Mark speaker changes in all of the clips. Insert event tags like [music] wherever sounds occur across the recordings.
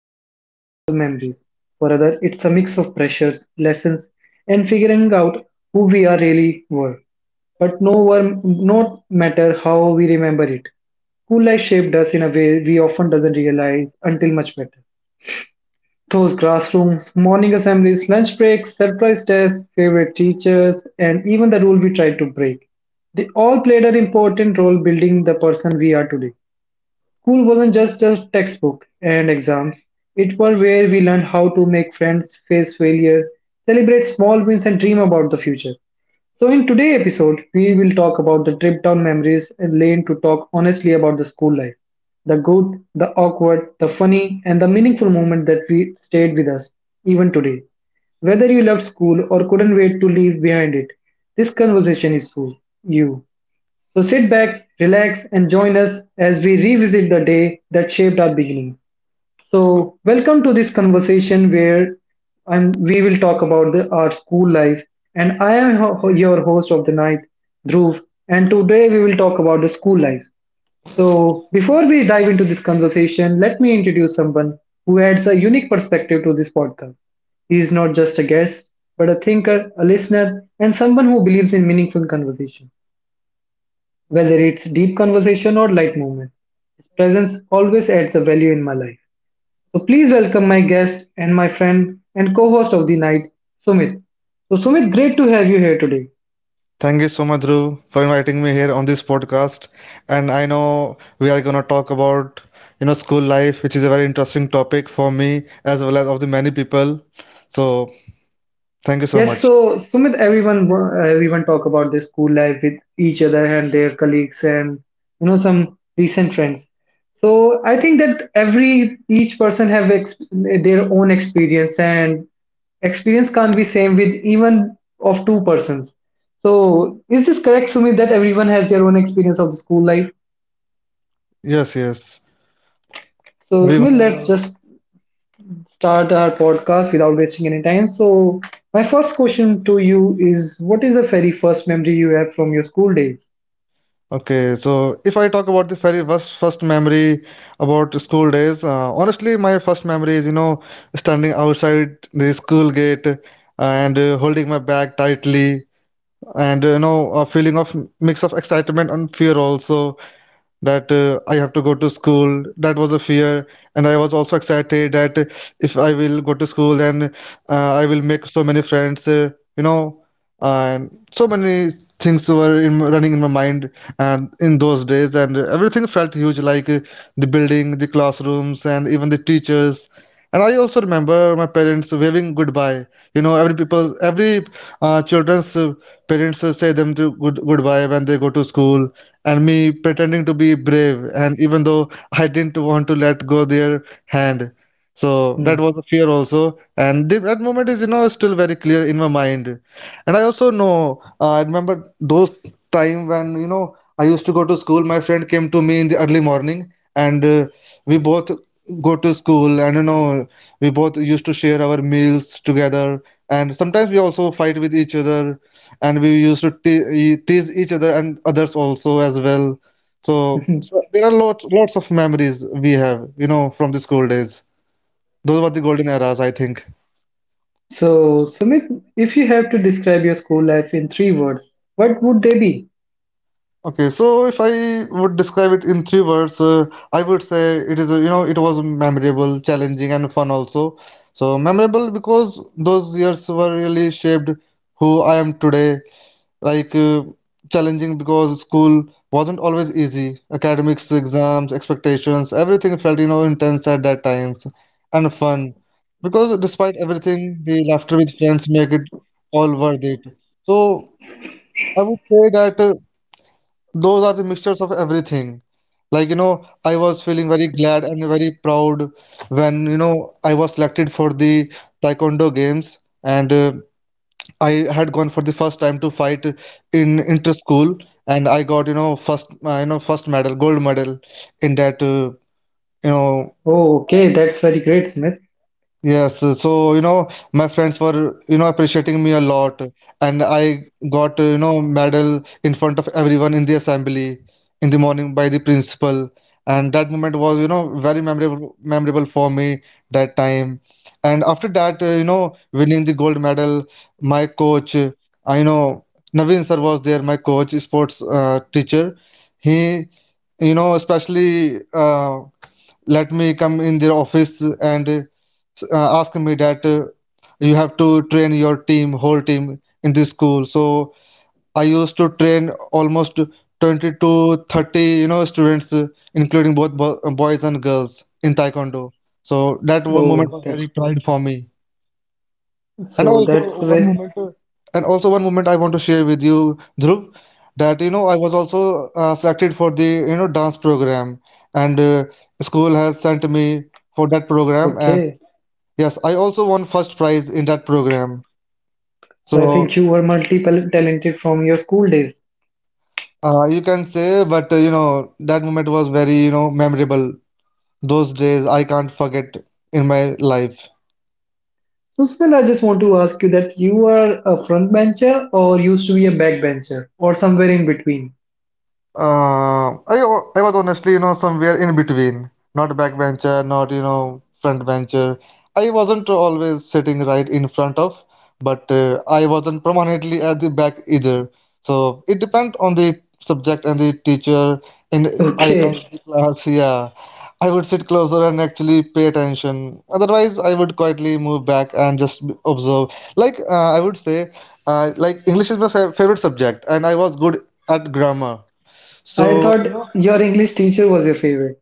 Speaker 1: and unforgettable memories. For others, it's a mix of pressures, lessons, and figuring out who we are really were. But no one, not matter how we remember it. Cool life shaped us in a way we often doesn't realize until much better. Those classrooms, morning assemblies, lunch breaks, surprise tests, favorite teachers, and even the rule we tried to break. They all played an important role building the person we are today. School wasn't just a textbook and exams. It was where we learned how to make friends, face failure, celebrate small wins, and dream about the future. So, in today's episode, we will talk about the trip down memories lane to talk honestly about the school life, the good, the awkward, the funny, and the meaningful moment that we stayed with us, even today. Whether you loved school or couldn't wait to leave behind it, this conversation is for you. So, sit back, relax, and join us as we revisit the day that shaped our beginning. So, welcome to this conversation where we will talk about our school life. And I am your host of the night, Dhruv. And today we will talk about the school life. So, before we dive into this conversation, let me introduce someone who adds a unique perspective to this podcast. He is not just a guest, but a thinker, a listener, and someone who believes in meaningful conversation, whether it's deep conversation or light movement. His presence always adds a value in my life. So please welcome my guest and my friend and co-host of the night, Sumit. So Sumit, great to have you here today.
Speaker 2: Thank you so much, Dhruv, for inviting me here on this podcast. And I know we are gonna talk about school life, which is a very interesting topic for me as well as of the many people. So thank you so
Speaker 1: Yes,
Speaker 2: much.
Speaker 1: so Sumit, everyone talk about their school life with each other and their colleagues and some recent friends. So I think that every each person have their own experience and experience can't be same with even of two persons. So is this correct, Sumit, that everyone has their own experience of the school life?
Speaker 2: Yes, yes.
Speaker 1: So Sumit, let's
Speaker 2: Everyone.
Speaker 1: just start our podcast without wasting any time. So, my first question to you is what is the very first memory you have from your school days?
Speaker 2: Okay, so if I talk about the very first memory about school days, honestly, my first memory is standing outside the school gate and holding my bag tightly, and a feeling of mix of excitement and fear also that I have to go to school. That was a fear, and I was also excited that if I will go to school, then I will make so many friends. You know, and so many things were in, running in my mind, and in those days, and everything felt huge, like the building, the classrooms, and even the teachers. And I also remember my parents waving goodbye. Every people, every children's parents say them to goodbye when they go to school, and me pretending to be brave, and even though I didn't want to let go their hand. So
Speaker 1: Hmm.
Speaker 2: that was a fear also, and that moment is still very clear in my mind. And I also know I remember those time when I used to go to school, my friend came to me in the early morning, and we both go to school, and we both used to share our meals together, and sometimes we also fight with each other, and we used to tease each other and others also as well. So,
Speaker 1: [laughs]
Speaker 2: there are lots of memories we have, from the school days. Those were the golden eras, I think.
Speaker 1: So, Sumit, if you have to describe your school life in three words, what would they be?
Speaker 2: Okay, so if I would describe it in three words, I would say it is, you know, it was memorable, challenging, and fun also. So memorable because those years were really shaped who I am today, like uh, challenging because school wasn't always easy. Academics, exams, expectations, everything felt, intense at that times, and fun. Because despite everything, the laughter with friends make it all worth it. So I would say that those are the mixtures of everything. Like, I was feeling very glad and very proud when, I was selected for the Taekwondo games, and I had gone for the first time to fight in inter school, and I got, first you know first medal, gold medal in that you know
Speaker 1: Oh, okay, that's very great, Smith.
Speaker 2: Yes, so my friends were appreciating me a lot, and I got, medal in front of everyone in the assembly in the morning by the principal, and that moment was, very memorable for me that time. And after that, winning the gold medal, my coach, I know Naveen sir was there, my coach, sports teacher. He, especially let me come in their office and asking me that you have to train your team, whole team in this school. So I used to train almost 20 to 30, students, including both boys and girls in Taekwondo. So that one moment
Speaker 1: Oh,
Speaker 2: was
Speaker 1: that
Speaker 2: very pride for me.
Speaker 1: so
Speaker 2: And also
Speaker 1: that's
Speaker 2: one
Speaker 1: with
Speaker 2: moment, uh, and also one moment I want to share with you, Dhruv, that I was also selected for the dance program, and school has sent me for that program, and
Speaker 1: okay.
Speaker 2: yes, I also won first prize in that program.
Speaker 1: So I
Speaker 2: So
Speaker 1: think you were multiple talented from your school days.
Speaker 2: you can say, but that moment was very, memorable. Those days I can't forget in my life.
Speaker 1: So Smith, I just want to ask you that you are a front bencher or used to be a back bencher or somewhere in between.
Speaker 2: Uh, I I was honestly, somewhere in between. Not backbencher, not, front bencher. I wasn't always sitting right in front of, but I wasn't permanently at the back either. So it depends on the subject and the teacher. And
Speaker 1: [laughs]
Speaker 2: I
Speaker 1: Okay.
Speaker 2: liked the class, yeah. I would sit closer and actually pay attention. Otherwise, I would quietly move back and just observe. Like I would say, like English is my fa favorite subject, and I was good at grammar,
Speaker 1: I
Speaker 2: so,
Speaker 1: thought your English teacher was your favorite.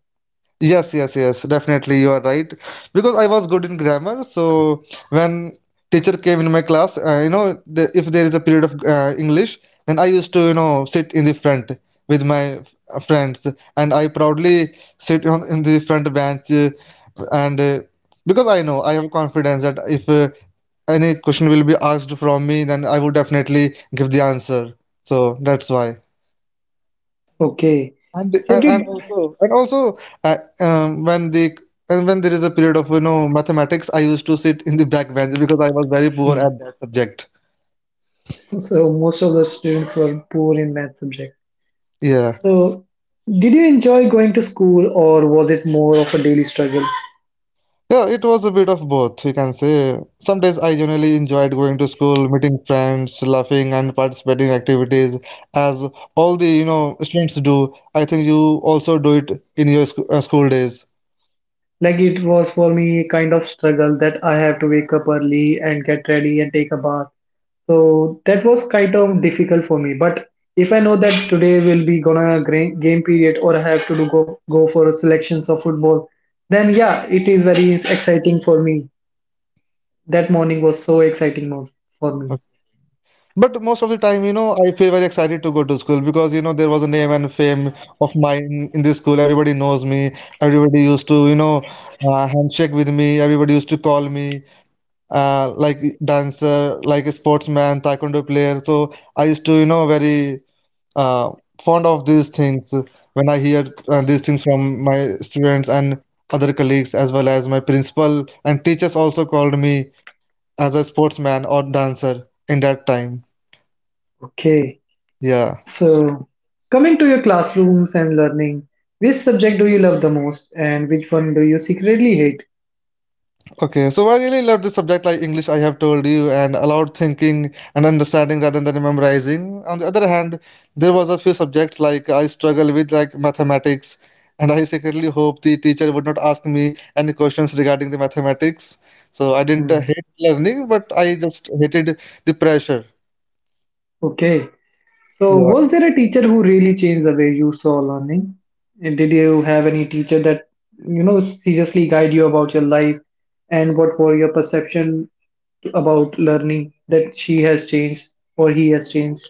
Speaker 2: yes, yes, yes, definitely you are right. Because I was good in grammar, so when teacher came in my class, if there is a period of English, then I used to, sit in the front with my friends, and I proudly sit on in the front bench, and because I know I have confidence that if any question will be asked from me, then I would definitely give the answer. So that's why.
Speaker 1: Okay.
Speaker 2: and
Speaker 1: So
Speaker 2: and and
Speaker 1: did
Speaker 2: also uh, um, when the when there is a period of mathematics, I used to sit in the back bench because I was very poor
Speaker 1: hmm.
Speaker 2: at that subject.
Speaker 1: so most of the students were poor in math subject.
Speaker 2: Yeah,
Speaker 1: So did you enjoy going to school or was it more of a daily struggle?
Speaker 2: yeah it was a bit of both, you can say. Some days I generally enjoyed going to school, meeting friends, laughing, and participating in activities, as all the students do. I think you also do it in your sc school days.
Speaker 1: Like it was for me kind of struggle that I have to wake up early and get ready and take a bath. So that was kind of difficult for me. But if I know that today will be gonna game period or I have to do go for selections of football, then yeah, it is very exciting for me. That morning was so exciting for me.
Speaker 2: But most of the time, I feel very excited to go to school because, there was a name and fame of mine in this school. Everybody knows me. Everybody used to, handshake with me. Everybody used to call me like dancer, like a sportsman, Taekwondo player. So I used to, very uh, fond of these things when I hear these things from my students and other colleagues, as well as my principal, and teachers also called me as a sportsman or dancer in that time.
Speaker 1: Okay,
Speaker 2: Yeah.
Speaker 1: so coming to your classrooms and learning, which subject do you love the most and which one do you secretly hate?
Speaker 2: Okay, so I really love the subject like English, I have told you, and allowed thinking and understanding rather than memorizing. On the other hand, there was a few subjects like I struggle with, like mathematics, and I secretly hope the teacher would not ask me any questions regarding the mathematics. So I didn't
Speaker 1: Hmm.
Speaker 2: hate learning, but I just hated the pressure.
Speaker 1: Okay, so
Speaker 2: Yeah.
Speaker 1: was there a teacher who really changed the way you saw learning? And did you have any teacher that, seriously guide you about your life and what were your perception about learning that she has changed or he has changed?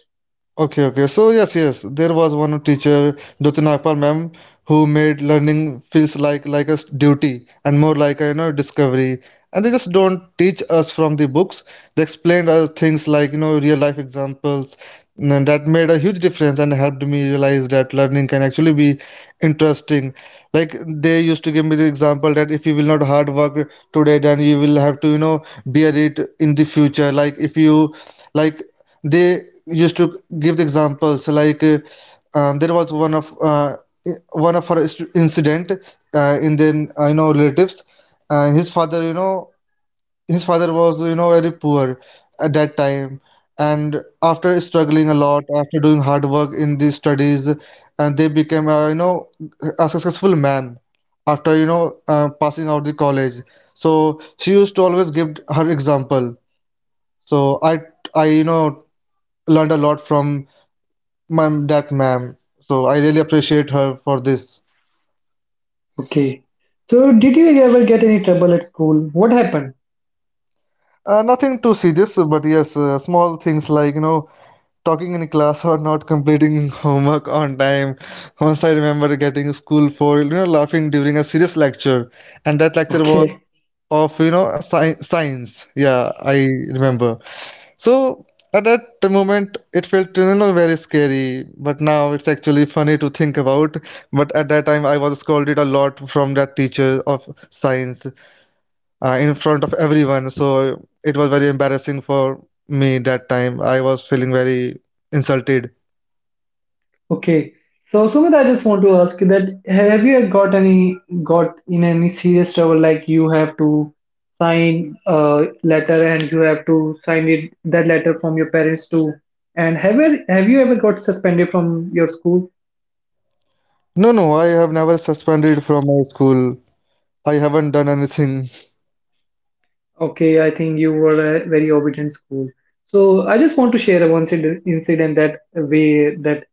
Speaker 2: Okay, okay. So yes, yes, there was one teacher, Jyoti Nagpal ma'am, who made learning feels like a duty and more like a, discovery. And they just don't teach us from the books. They explained us things like, real life examples, and that made a huge difference and helped me realize that learning can actually be interesting. Like they used to give me the example that if you will not hard work today, then you will have to, bear it in the future. Like if you like they used to give the examples like, there was one of her incident, in then, relatives, uh, his father you know his father was, very poor at that time, and after struggling a lot, after doing hard work in the studies, and they became, a successful man after, passing out the college. So she used to always give her example. So I learned a lot from that ma'am. So I really appreciate her for this.
Speaker 1: Okay. So, did you ever get any trouble at school? What happened?
Speaker 2: Nothing too serious, but yes, small things like, talking in class or not completing [laughs] homework on time. Once I remember getting school for, laughing during a serious lecture, and that lecture was
Speaker 1: Okay,
Speaker 2: of, science. Yeah, I remember. So at that moment, it felt, very scary, but now it's actually funny to think about. But at that time, I was scolded a lot from that teacher of science, in front of everyone. So it was very embarrassing for me that time. I was feeling very insulted.
Speaker 1: okay. So Sumit, I just want to ask you that have you got in any serious trouble like you have to sign a letter and you have to sign it that letter from your parents too. And have you ever got suspended from your school?
Speaker 2: No, no, I have never suspended from my school. I haven't done anything.
Speaker 1: Okay, I think you were a very obedient school. So I just want to share a one incident that way that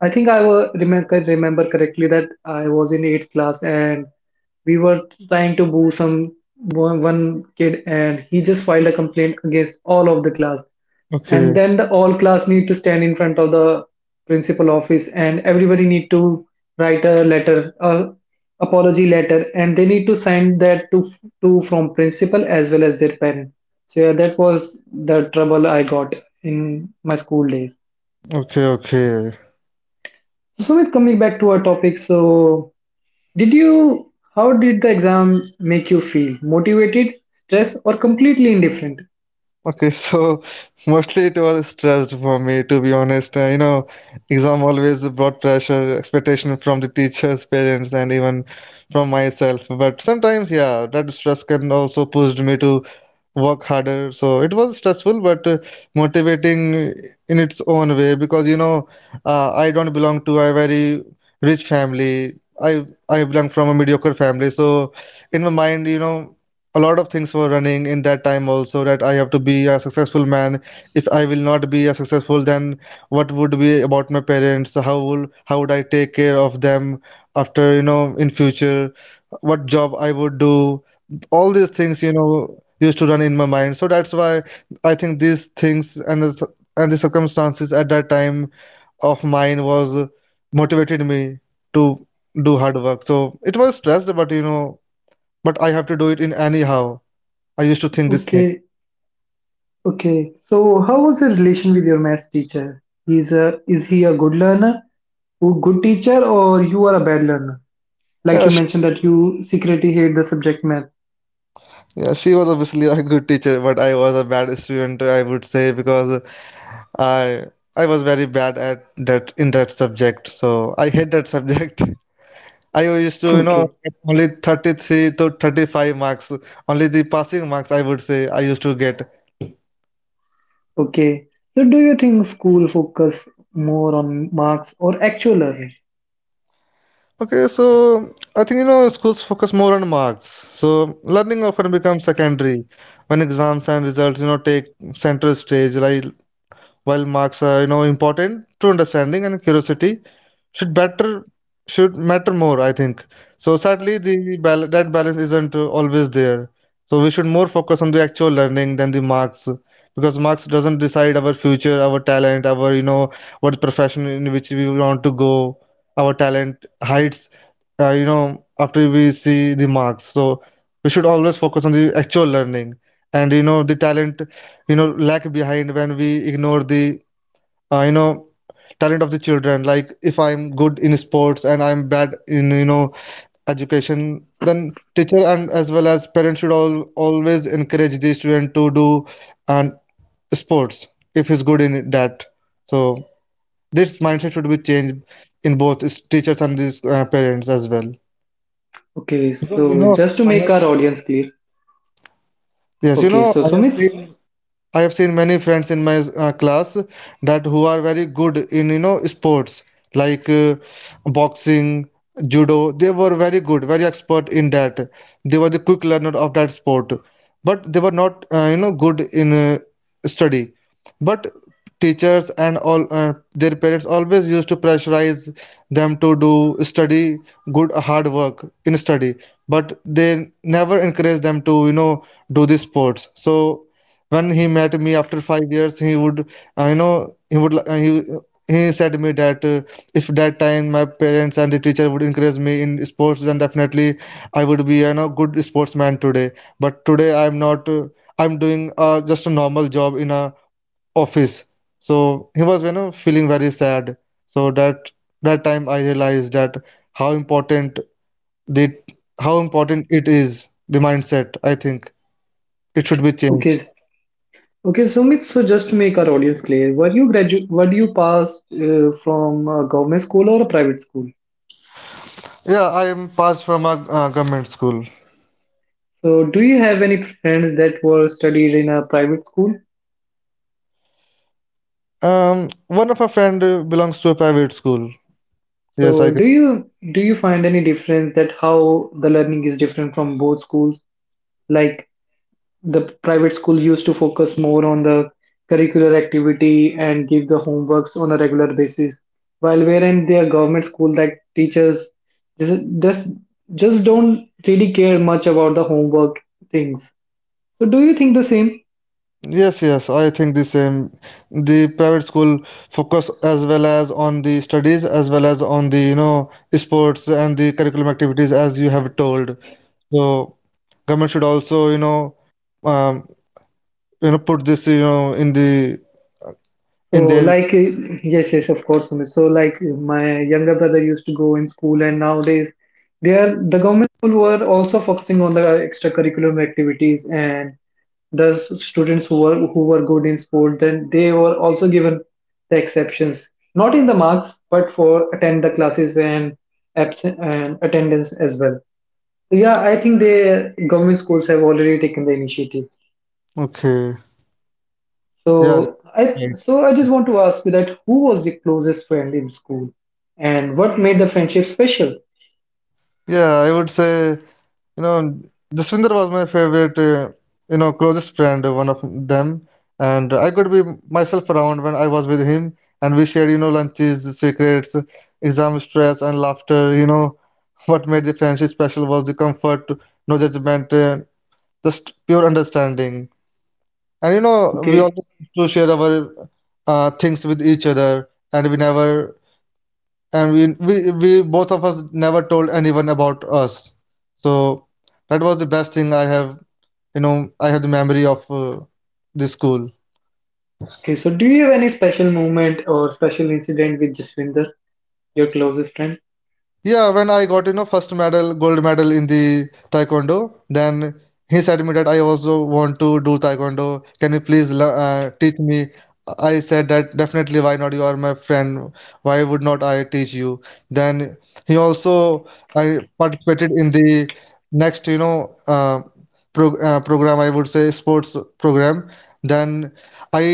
Speaker 1: I think I remember correctly that I was in eighth class and we were trying to boo some one kid and he just filed a complaint against all of the class and
Speaker 2: Okay,
Speaker 1: then the all class need to stand in front of the principal office and everybody need to write a apology letter and they need to send that to from principal as well as their parent so yeah, that was the trouble I got in my school days.
Speaker 2: okay, okay.
Speaker 1: So Sumit, coming back to our topic, so how did the exam make you feel? Motivated, stressed, or completely indifferent?
Speaker 2: Okay, [laughs] so mostly it was stressed for me, to be honest. Exam always brought pressure, expectation from the teachers, parents, and even from myself. But sometimes, yeah, that stress can also pushed me to work harder, so it was stressful but motivating in its own way, because I don't belong to a very rich family. I belong from a mediocre family. So in my mind, a lot of things were running in that time also, that I have to be a successful man. If I will not be a successful, then what would be about my parents. So, how would I take care of them after, in future, what job I would do. All these things, used to run in my mind. So that's why I think these things and the circumstances at that time of mine was motivated me to do hard work. So it was stressed, but but I have to do it in anyhow. I used to think this thing.
Speaker 1: Okay, okay. So how was the relation with your maths teacher? Is he a good learner, a good teacher, or you are a bad learner? Like
Speaker 2: Yeah,
Speaker 1: you
Speaker 2: she
Speaker 1: mentioned
Speaker 2: wa-
Speaker 1: that you secretly hate the subject math.
Speaker 2: yeah she was obviously a good teacher, but I was a bad student, I would say, because I I was very bad at that subject. So I hate that subject. [laughs] I used to,
Speaker 1: [laughs] Okay.
Speaker 2: get only 33 to 35 marks, only the passing marks, I would say, I used to get.
Speaker 1: Okay. So do you think school focus more on marks or actual learning?
Speaker 2: Okay, so I think, schools focus more on marks. So learning often becomes secondary when exams and results, take center stage, right? While marks are important, to understanding and curiosity should better should matter more. I think so. Sadly, that balance isn't always there. So we should more focus on the actual learning than the marks, because marks doesn't decide our future, our talent, our what profession in which we want to go, our talent heights. After we see the marks, so we should always focus on the actual learning, and the talent lag behind when we ignore the uh, you know talent of the children. Like if I'm good in sports and I'm bad in education, then teacher and as well as parents should all always encourage the student to do and sports if he's good in that. So this mindset should be changed in both teachers and these parents as well.
Speaker 1: Okay,
Speaker 2: you
Speaker 1: so
Speaker 2: know
Speaker 1: just to make our audience clear.
Speaker 2: yes,
Speaker 1: Okay, so
Speaker 2: i have
Speaker 1: Sumit,
Speaker 2: seen I have seen many friends in my class, that who are very good in sports, like boxing, judo. They were very good, very expert in that. They were the quick learner of that sport, but they were not good in study. But teachers and all their parents always used to pressurize them to do study, good hard work in study, but they never encourage them to do these sports. So when he met me after 5 years, he would, I know, he would he said me that if that time my parents and the teacher would encourage me in sports, then definitely I would be good sportsman today. But today I'm not. I'm doing just a normal job in a office. So he was feeling very sad. So that time I realized that how important the how important it is, the mindset, I think. It should be changed.
Speaker 1: okay, okay, Sumit. So just to make our audience clear, were you passed from a government school or a private school?
Speaker 2: Yeah, I am passed from a government school.
Speaker 1: So do you have any friends that were studied in a private school?
Speaker 2: One of our friend belongs to a private school. Yes,
Speaker 1: So
Speaker 2: I.
Speaker 1: do you find any difference that how the learning is different from both schools? Like the private school used to focus more on the curricular activity and give the homeworks on a regular basis while wherein their government school like teachers just just just don't really care much about the homework things so do you think the same
Speaker 2: Yes, yes, I think the same. The private school focus as well as on the studies, as well as on the sports and the curriculum activities, as you have told. So government should also um, put this
Speaker 1: so
Speaker 2: in their.
Speaker 1: like yes, yes, of course, Sumit. So like my younger brother used to go in school and nowadays they are the government school were also focusing on the extracurricular activities and the students who were good in sport then they were also given the exceptions not in the marks but for attend the classes and absent and attendance as well so yeah I think the government schools have already taken the initiative
Speaker 2: Okay. Yes.
Speaker 1: so i
Speaker 2: Right.
Speaker 1: so I just want to ask you that who was the closest friend in school and what made the friendship special.
Speaker 2: Yeah, I would say. You know, Jaswinder was my favorite, closest friend, one of them. And I could be myself around when I was with him, and we shared, lunches, secrets, exam stress, and laughter. [laughs] What made the friendship special was the comfort, no judgment, just pure understanding. And we
Speaker 1: Okay,
Speaker 2: always used to share our things with each other, and we never, and we both of us never told anyone about us. So that was the best thing I have, I have the memory of this school.
Speaker 1: okay. So do you have any special moment or special incident with Jaswinder, your closest friend?
Speaker 2: Yeah, when I got first medal, gold medal in the taekwondo, then he said to me that I also want to do taekwondo. Can you please teach me? I said that definitely. Why not? You are my friend. Why would not I teach you? Then he also I participated in the next program, I would say, sports program. Then I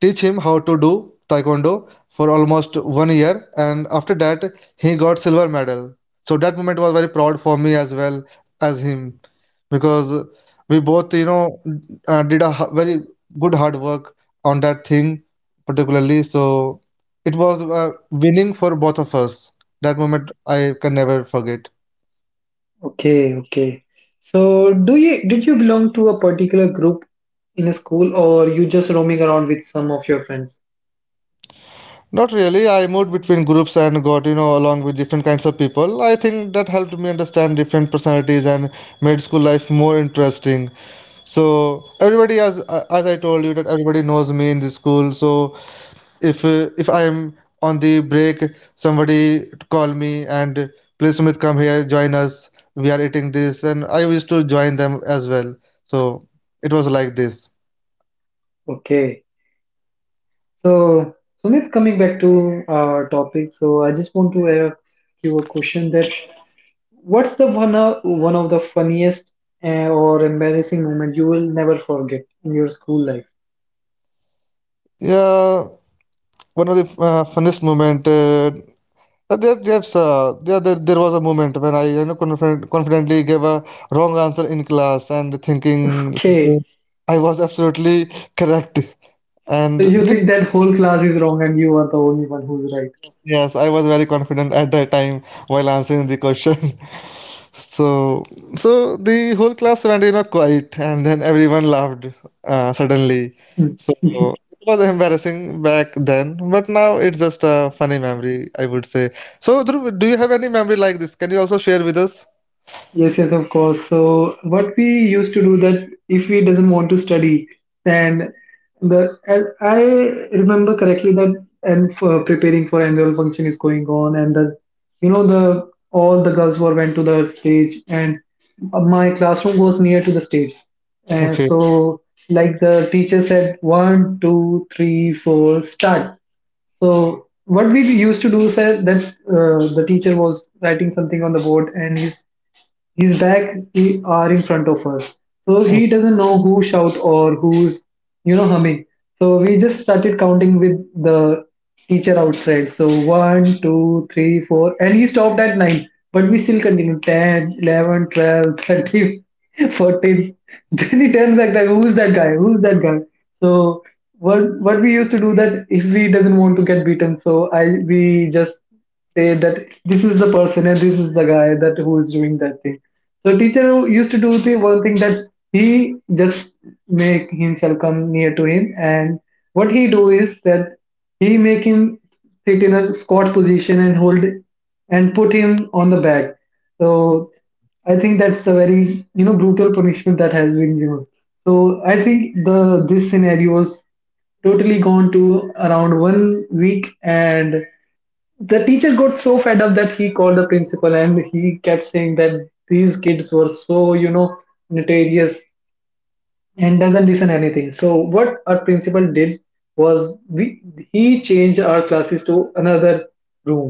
Speaker 2: teach him how to do taekwondo for almost one year, and after that he got silver medal. So that moment was very proud for me as well as him, because we both, did a very good hard work on that thing particularly. So it was winning for both of us. That moment I can never forget.
Speaker 1: Okay, okay. So, do you did you belong to a particular group in a school, or you just roaming around with some of your friends?
Speaker 2: Not really. I moved between groups and got, along with different kinds of people. I think that helped me understand different personalities and made school life more interesting. So everybody, as I told you, that everybody knows me in the school. So if I'm on the break, somebody call me and please, Sumit, come here, join us. We are eating this, and I used to join them as well. So it was like this.
Speaker 1: Okay. So, Sumit, coming back to our topic, so I just want to ask you a question that what's the one one of the funniest or embarrassing moment you will never forget in your school life?
Speaker 2: Yeah, one of the funniest moment. There, there's, there, there, There was a moment when I, confidently gave a wrong answer in class, and thinking
Speaker 1: Okay.
Speaker 2: I was absolutely correct. [laughs] And
Speaker 1: So you
Speaker 2: th-
Speaker 1: think that whole class is wrong and you are the only one who's right?
Speaker 2: yes, I was very confident at that time while answering the question. [laughs] So, so the whole class went, quiet, and then everyone laughed suddenly. So
Speaker 1: Hmm. [laughs]
Speaker 2: it was embarrassing back then, but now it's just a funny memory, I would say. So, Dhruv, do you have any memory like this? Can you also share with us?
Speaker 1: Yes, yes, of course. So what we used to do that if we doesn't want to study, then the and I remember correctly that and for preparing for annual function is going on, and the you know the all the girls were went to the stage, and my classroom was near to the stage, and
Speaker 2: Okay,
Speaker 1: so like the teacher said one, two, three, four, start. So what we used to do is that the teacher was writing something on the board and he's his back are in front of us. So he doesn't know who shout or who's, humming. So we just started counting with the teacher outside. So one, two, three, four, and he stopped at nine. But we still continued 10, 11, 12, [laughs] 13, 14. Then he turns back like, who's that guy? Who's that guy? So what we used to do that if we doesn't want to get beaten, so I we just say that this is the person and this is the guy that who is doing that thing. So teacher used to do the one thing that he just make himself come near to him and what he do is that he make him sit in a squat position and hold and put him on the back. So I think that's a very brutal punishment that has been given. So I think the this scenario was totally gone to around 1 week, and the teacher got so fed up that he called the principal, and he kept saying that these kids were so notorious and doesn't listen anything. So what our principal did was we he changed our classes to another room.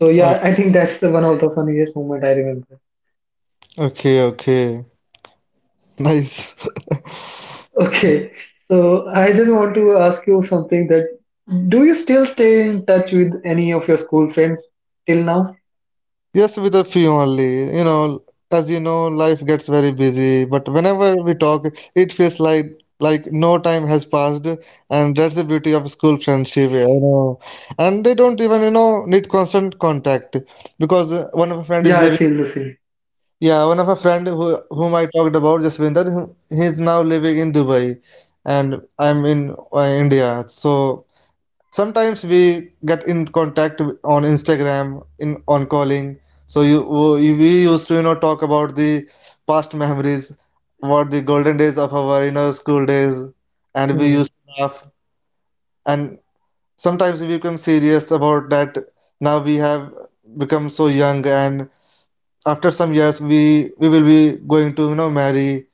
Speaker 1: So
Speaker 2: okay,
Speaker 1: yeah, I think that's the one of the funniest moment I remember.
Speaker 2: okay, okay. Nice. [laughs]
Speaker 1: Okay, so I just want to ask you something, that do you still stay in touch with any of your school friends till now?
Speaker 2: Yes, with a few only. As you know, life gets very busy, but whenever we talk, it feels like no time has passed, and that's the beauty of school friendship. And they don't even, need constant contact, because one of a friend is
Speaker 1: Yeah, I
Speaker 2: living.
Speaker 1: feel the same.
Speaker 2: Yeah, one of a friend who, whom I talked about, Jasvinder, he's now living in Dubai, and I'm in India. So sometimes we get in contact on Instagram, in on calling, so you we used to talk about the past memories, about the golden days of our school days, and we
Speaker 1: Hmm.
Speaker 2: used to laugh. And sometimes we become serious about that. Now we have become so young, and after some years we will be going to marry.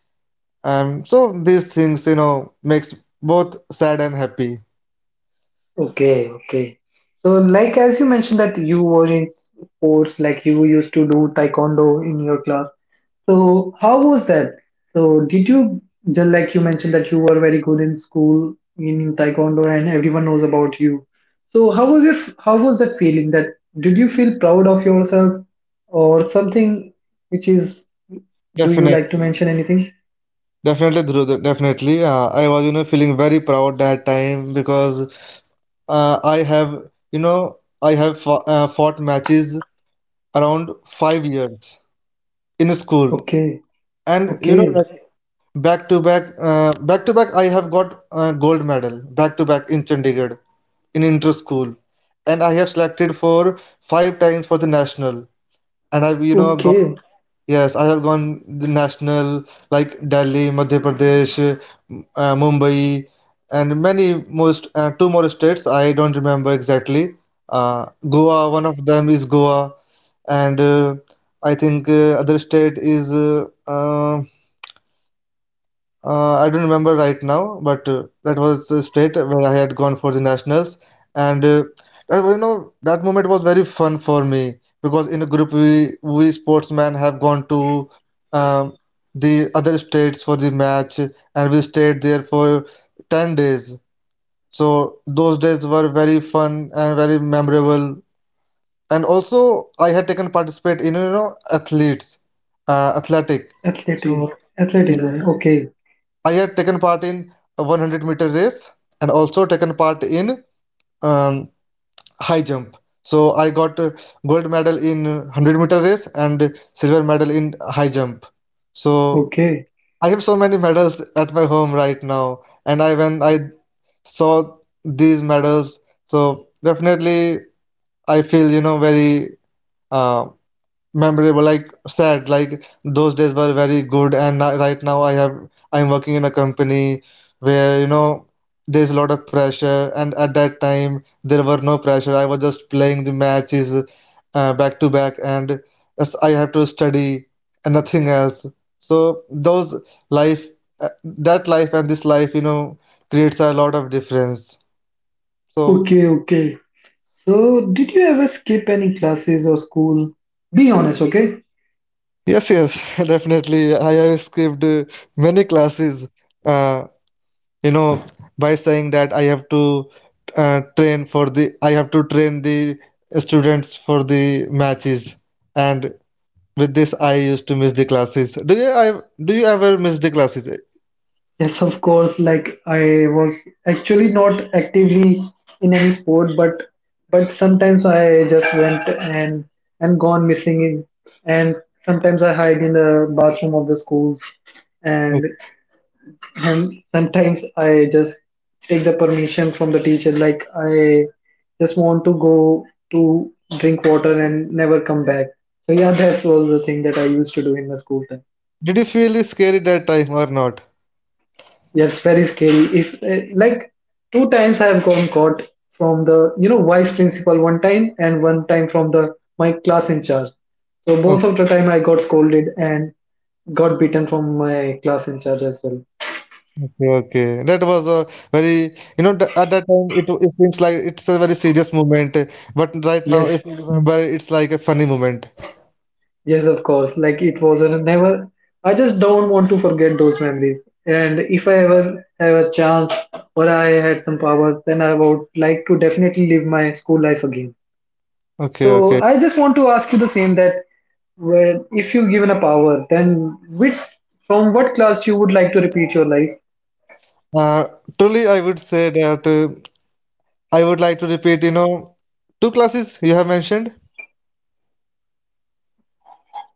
Speaker 2: So these things makes both sad and happy.
Speaker 1: Okay, okay. So, like as you mentioned that you were in sports, like you used to do taekwondo in your class. So, how was that? So, did you, just like you mentioned that you were very good in school in taekwondo, and everyone knows about you. So, how was your how was that feeling? That did you feel proud of yourself or something? Which is, do you like to
Speaker 2: Definitely.
Speaker 1: mention anything?
Speaker 2: Definitely, Dhruv, definitely. I was, feeling very proud that time, because uh, I have, you know, I have fought matches around 5 years in school,
Speaker 1: Okay,
Speaker 2: and,
Speaker 1: okay,
Speaker 2: back to back, I have got gold medal back to back in Chandigarh, in inter school, and I have selected for five times for the national, and I've, gone.
Speaker 1: okay.
Speaker 2: Yes, I have gone the national, like Delhi, Madhya Pradesh, Mumbai, and many most two more states. I don't remember exactly. Goa, one of them is Goa, and I think other state is I don't remember right now, but that was the state where I had gone for the nationals, and that moment was very fun for me, because in a group we sportsmen have gone to um, the other states for the match, and we stayed there for 10 days. So those days were very fun and very memorable. And also, I had taken participate in athletes, athletic.
Speaker 1: Athletic,
Speaker 2: So yeah,
Speaker 1: athleticism. Okay,
Speaker 2: I had taken part in a 100-meter race, and also taken part in um, high jump. So I got gold medal in 100-meter race and silver medal in high jump. So
Speaker 1: okay.
Speaker 2: I have so many medals at my home right now, and I when I saw these medals, so definitely I feel very uh, memorable, like sad. Like those days were very good, and right now I'm working in a company where there's a lot of pressure, and at that time there were no pressure. I was just playing the matches back to back, and yes, I have to study and nothing else. So those life that life and this life creates a lot of difference. So
Speaker 1: Okay, okay. So, did you ever skip any classes or school? Be honest, okay?
Speaker 2: yes, yes. [laughs] Definitely I have skipped many classes, uh, you know by saying that I have to train the students for the matches, and with this I used to miss the classes. Do you ever miss the classes?
Speaker 1: Yes, of course. Like I was actually not actively in any sport, but sometimes I just went and gone missing in, and sometimes I hide in the bathroom of the schools,
Speaker 2: Okay.
Speaker 1: and sometimes I just take the permission from the teacher, like I just want to go to drink water and never come back. So yeah, that was the thing that I used to do in my school time.
Speaker 2: Did you feel scary that time or not?
Speaker 1: Yes, very scary. If like two times I have gone caught from the vice principal one time and one time from the my class in charge. So both of the time I got scolded and got beaten from my class in charge as well.
Speaker 2: Okay, okay. That was a very, at that time it seems like it's a very serious moment. But right now, if
Speaker 1: Yes,
Speaker 2: you remember, it's like a funny moment.
Speaker 1: Yes, of course. Like it was a never. I just don't want to forget those memories. And if I ever have a chance or I had some powers, then I would like to definitely live my school life again.
Speaker 2: Okay,
Speaker 1: So
Speaker 2: okay.
Speaker 1: I just want to ask you the same, that well, if you given a power, then which from what class you would like to repeat your life?
Speaker 2: uh, Truly I would say that I would like to repeat, two classes you have mentioned.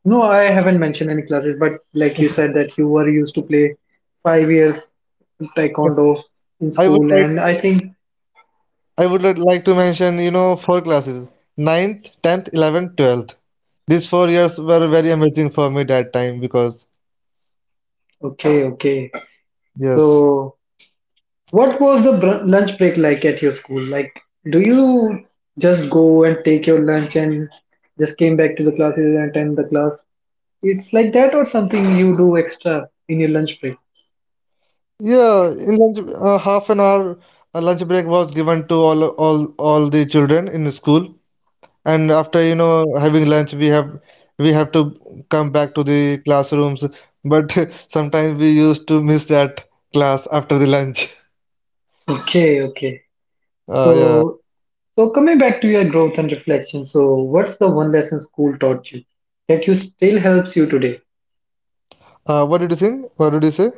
Speaker 1: No, I haven't mentioned any classes, but like you said that you were used to play 5 years
Speaker 2: Yes.
Speaker 1: taekwondo in
Speaker 2: I would
Speaker 1: school,
Speaker 2: like
Speaker 1: and I think
Speaker 2: I would like to mention, four classes. Ninth, tenth, 11th, 12th. These 4 years were very amazing for me that time because.
Speaker 1: okay, okay.
Speaker 2: Yes.
Speaker 1: So what was the lunch break like at your school? Like, do you just go and take your lunch and just came back to the classes and attend the class? It's like that, or something you do extra in your lunch break?
Speaker 2: Yeah, in lunch half an hour lunch break was given to all the children in the school, and after having lunch, we have to come back to the classrooms, but [laughs] sometimes we used to miss that class after the lunch.
Speaker 1: Okay, okay.
Speaker 2: Yeah.
Speaker 1: So, so coming back to your growth and reflection, so what's the one lesson school taught you that you still helps you today?
Speaker 2: What did you think? What did you say?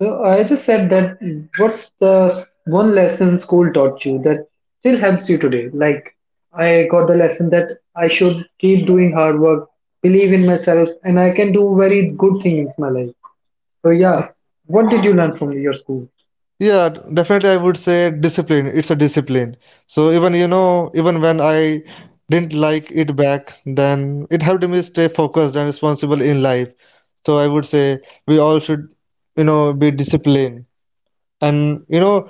Speaker 1: So I just said that what's the one lesson school taught you that still helps you today? Like I got the lesson that I should keep doing hard work, believe in myself, and I can do very good things in my life. So yeah, what did you learn from your school?
Speaker 2: Yeah, definitely I would say discipline. It's a discipline. So even when I didn't like it back then, it helped me stay focused and responsible in life. So I would say we all should, be disciplined, and you know,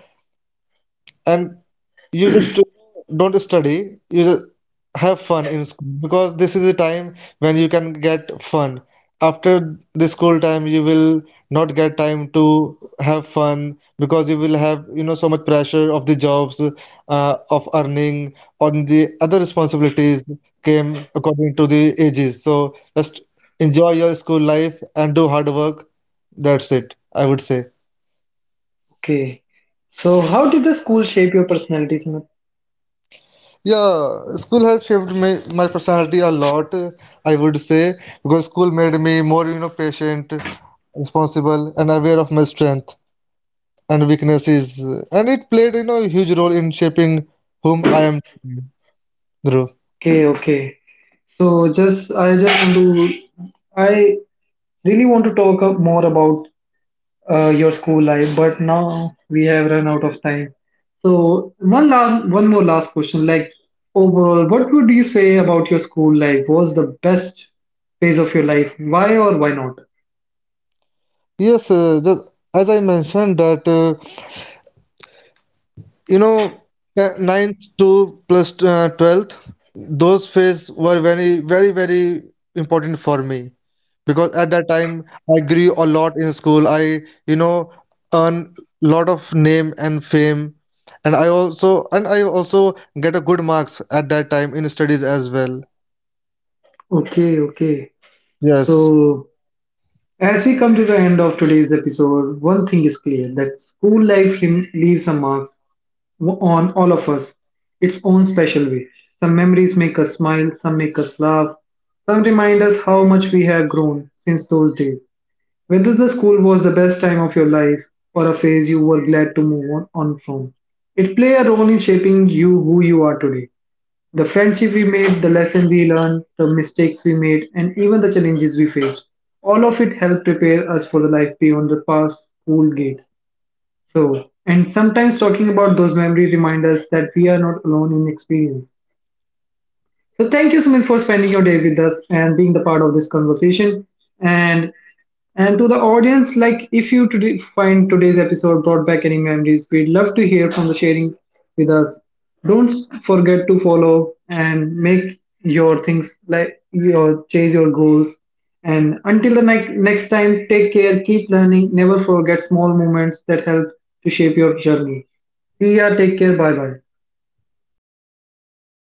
Speaker 2: and you just don't study, you just have fun in school, because this is a time when you can get fun. After the school time, you will not get time to have fun, because you will have, so much pressure of the jobs, of earning, on the other responsibilities came according to the ages. So just enjoy your school life and do hard work. That's it, I would say.
Speaker 1: Okay. So how did the school shape your personality, Sumit?
Speaker 2: Yeah, school has shaped me, my personality a lot, I would say, because school made me more, patient, responsible, and aware of my strength and weaknesses. And it played, a huge role in shaping whom I am, Dhruv.
Speaker 1: Okay, okay. So just I just want to I really want to talk up more about your school life, but now we have run out of time. So one last, one more last question. Like overall, what would you say about your school life? Was the best phase of your life? Why or why not?
Speaker 2: Yes, as I mentioned that You know, the ninth to plus 12th, those phase were very, very, very important for me, because at that time I grew a lot in school. I, you know, earn lot of name and fame, and I also get a good marks at that time in studies as well.
Speaker 1: Okay, okay.
Speaker 2: Yes.
Speaker 1: So as we come to the end of today's episode, one thing is clear, that school life leaves a mark on all of us, its own special way. Some memories make us smile, some make us laugh, some remind us how much we have grown since those days. Whether the school was the best time of your life or a phase you were glad to move on from, it played a role in shaping you who you are today. The friendship we made, the lesson we learned, the mistakes we made, and even the challenges we faced. All of it helped prepare us for the life beyond the past school gates. So, and sometimes talking about those memories remind us that we are not alone in experience. So thank you, Sumit, for spending your day with us and being the part of this conversation. And to the audience, like if you today find today's episode brought back any memories, we'd love to hear from the sharing with us. Don't forget to follow and make your things, like your chase your goals. And until the next time, take care, keep learning, never forget small moments that help to shape your journey. See ya, take care, bye bye.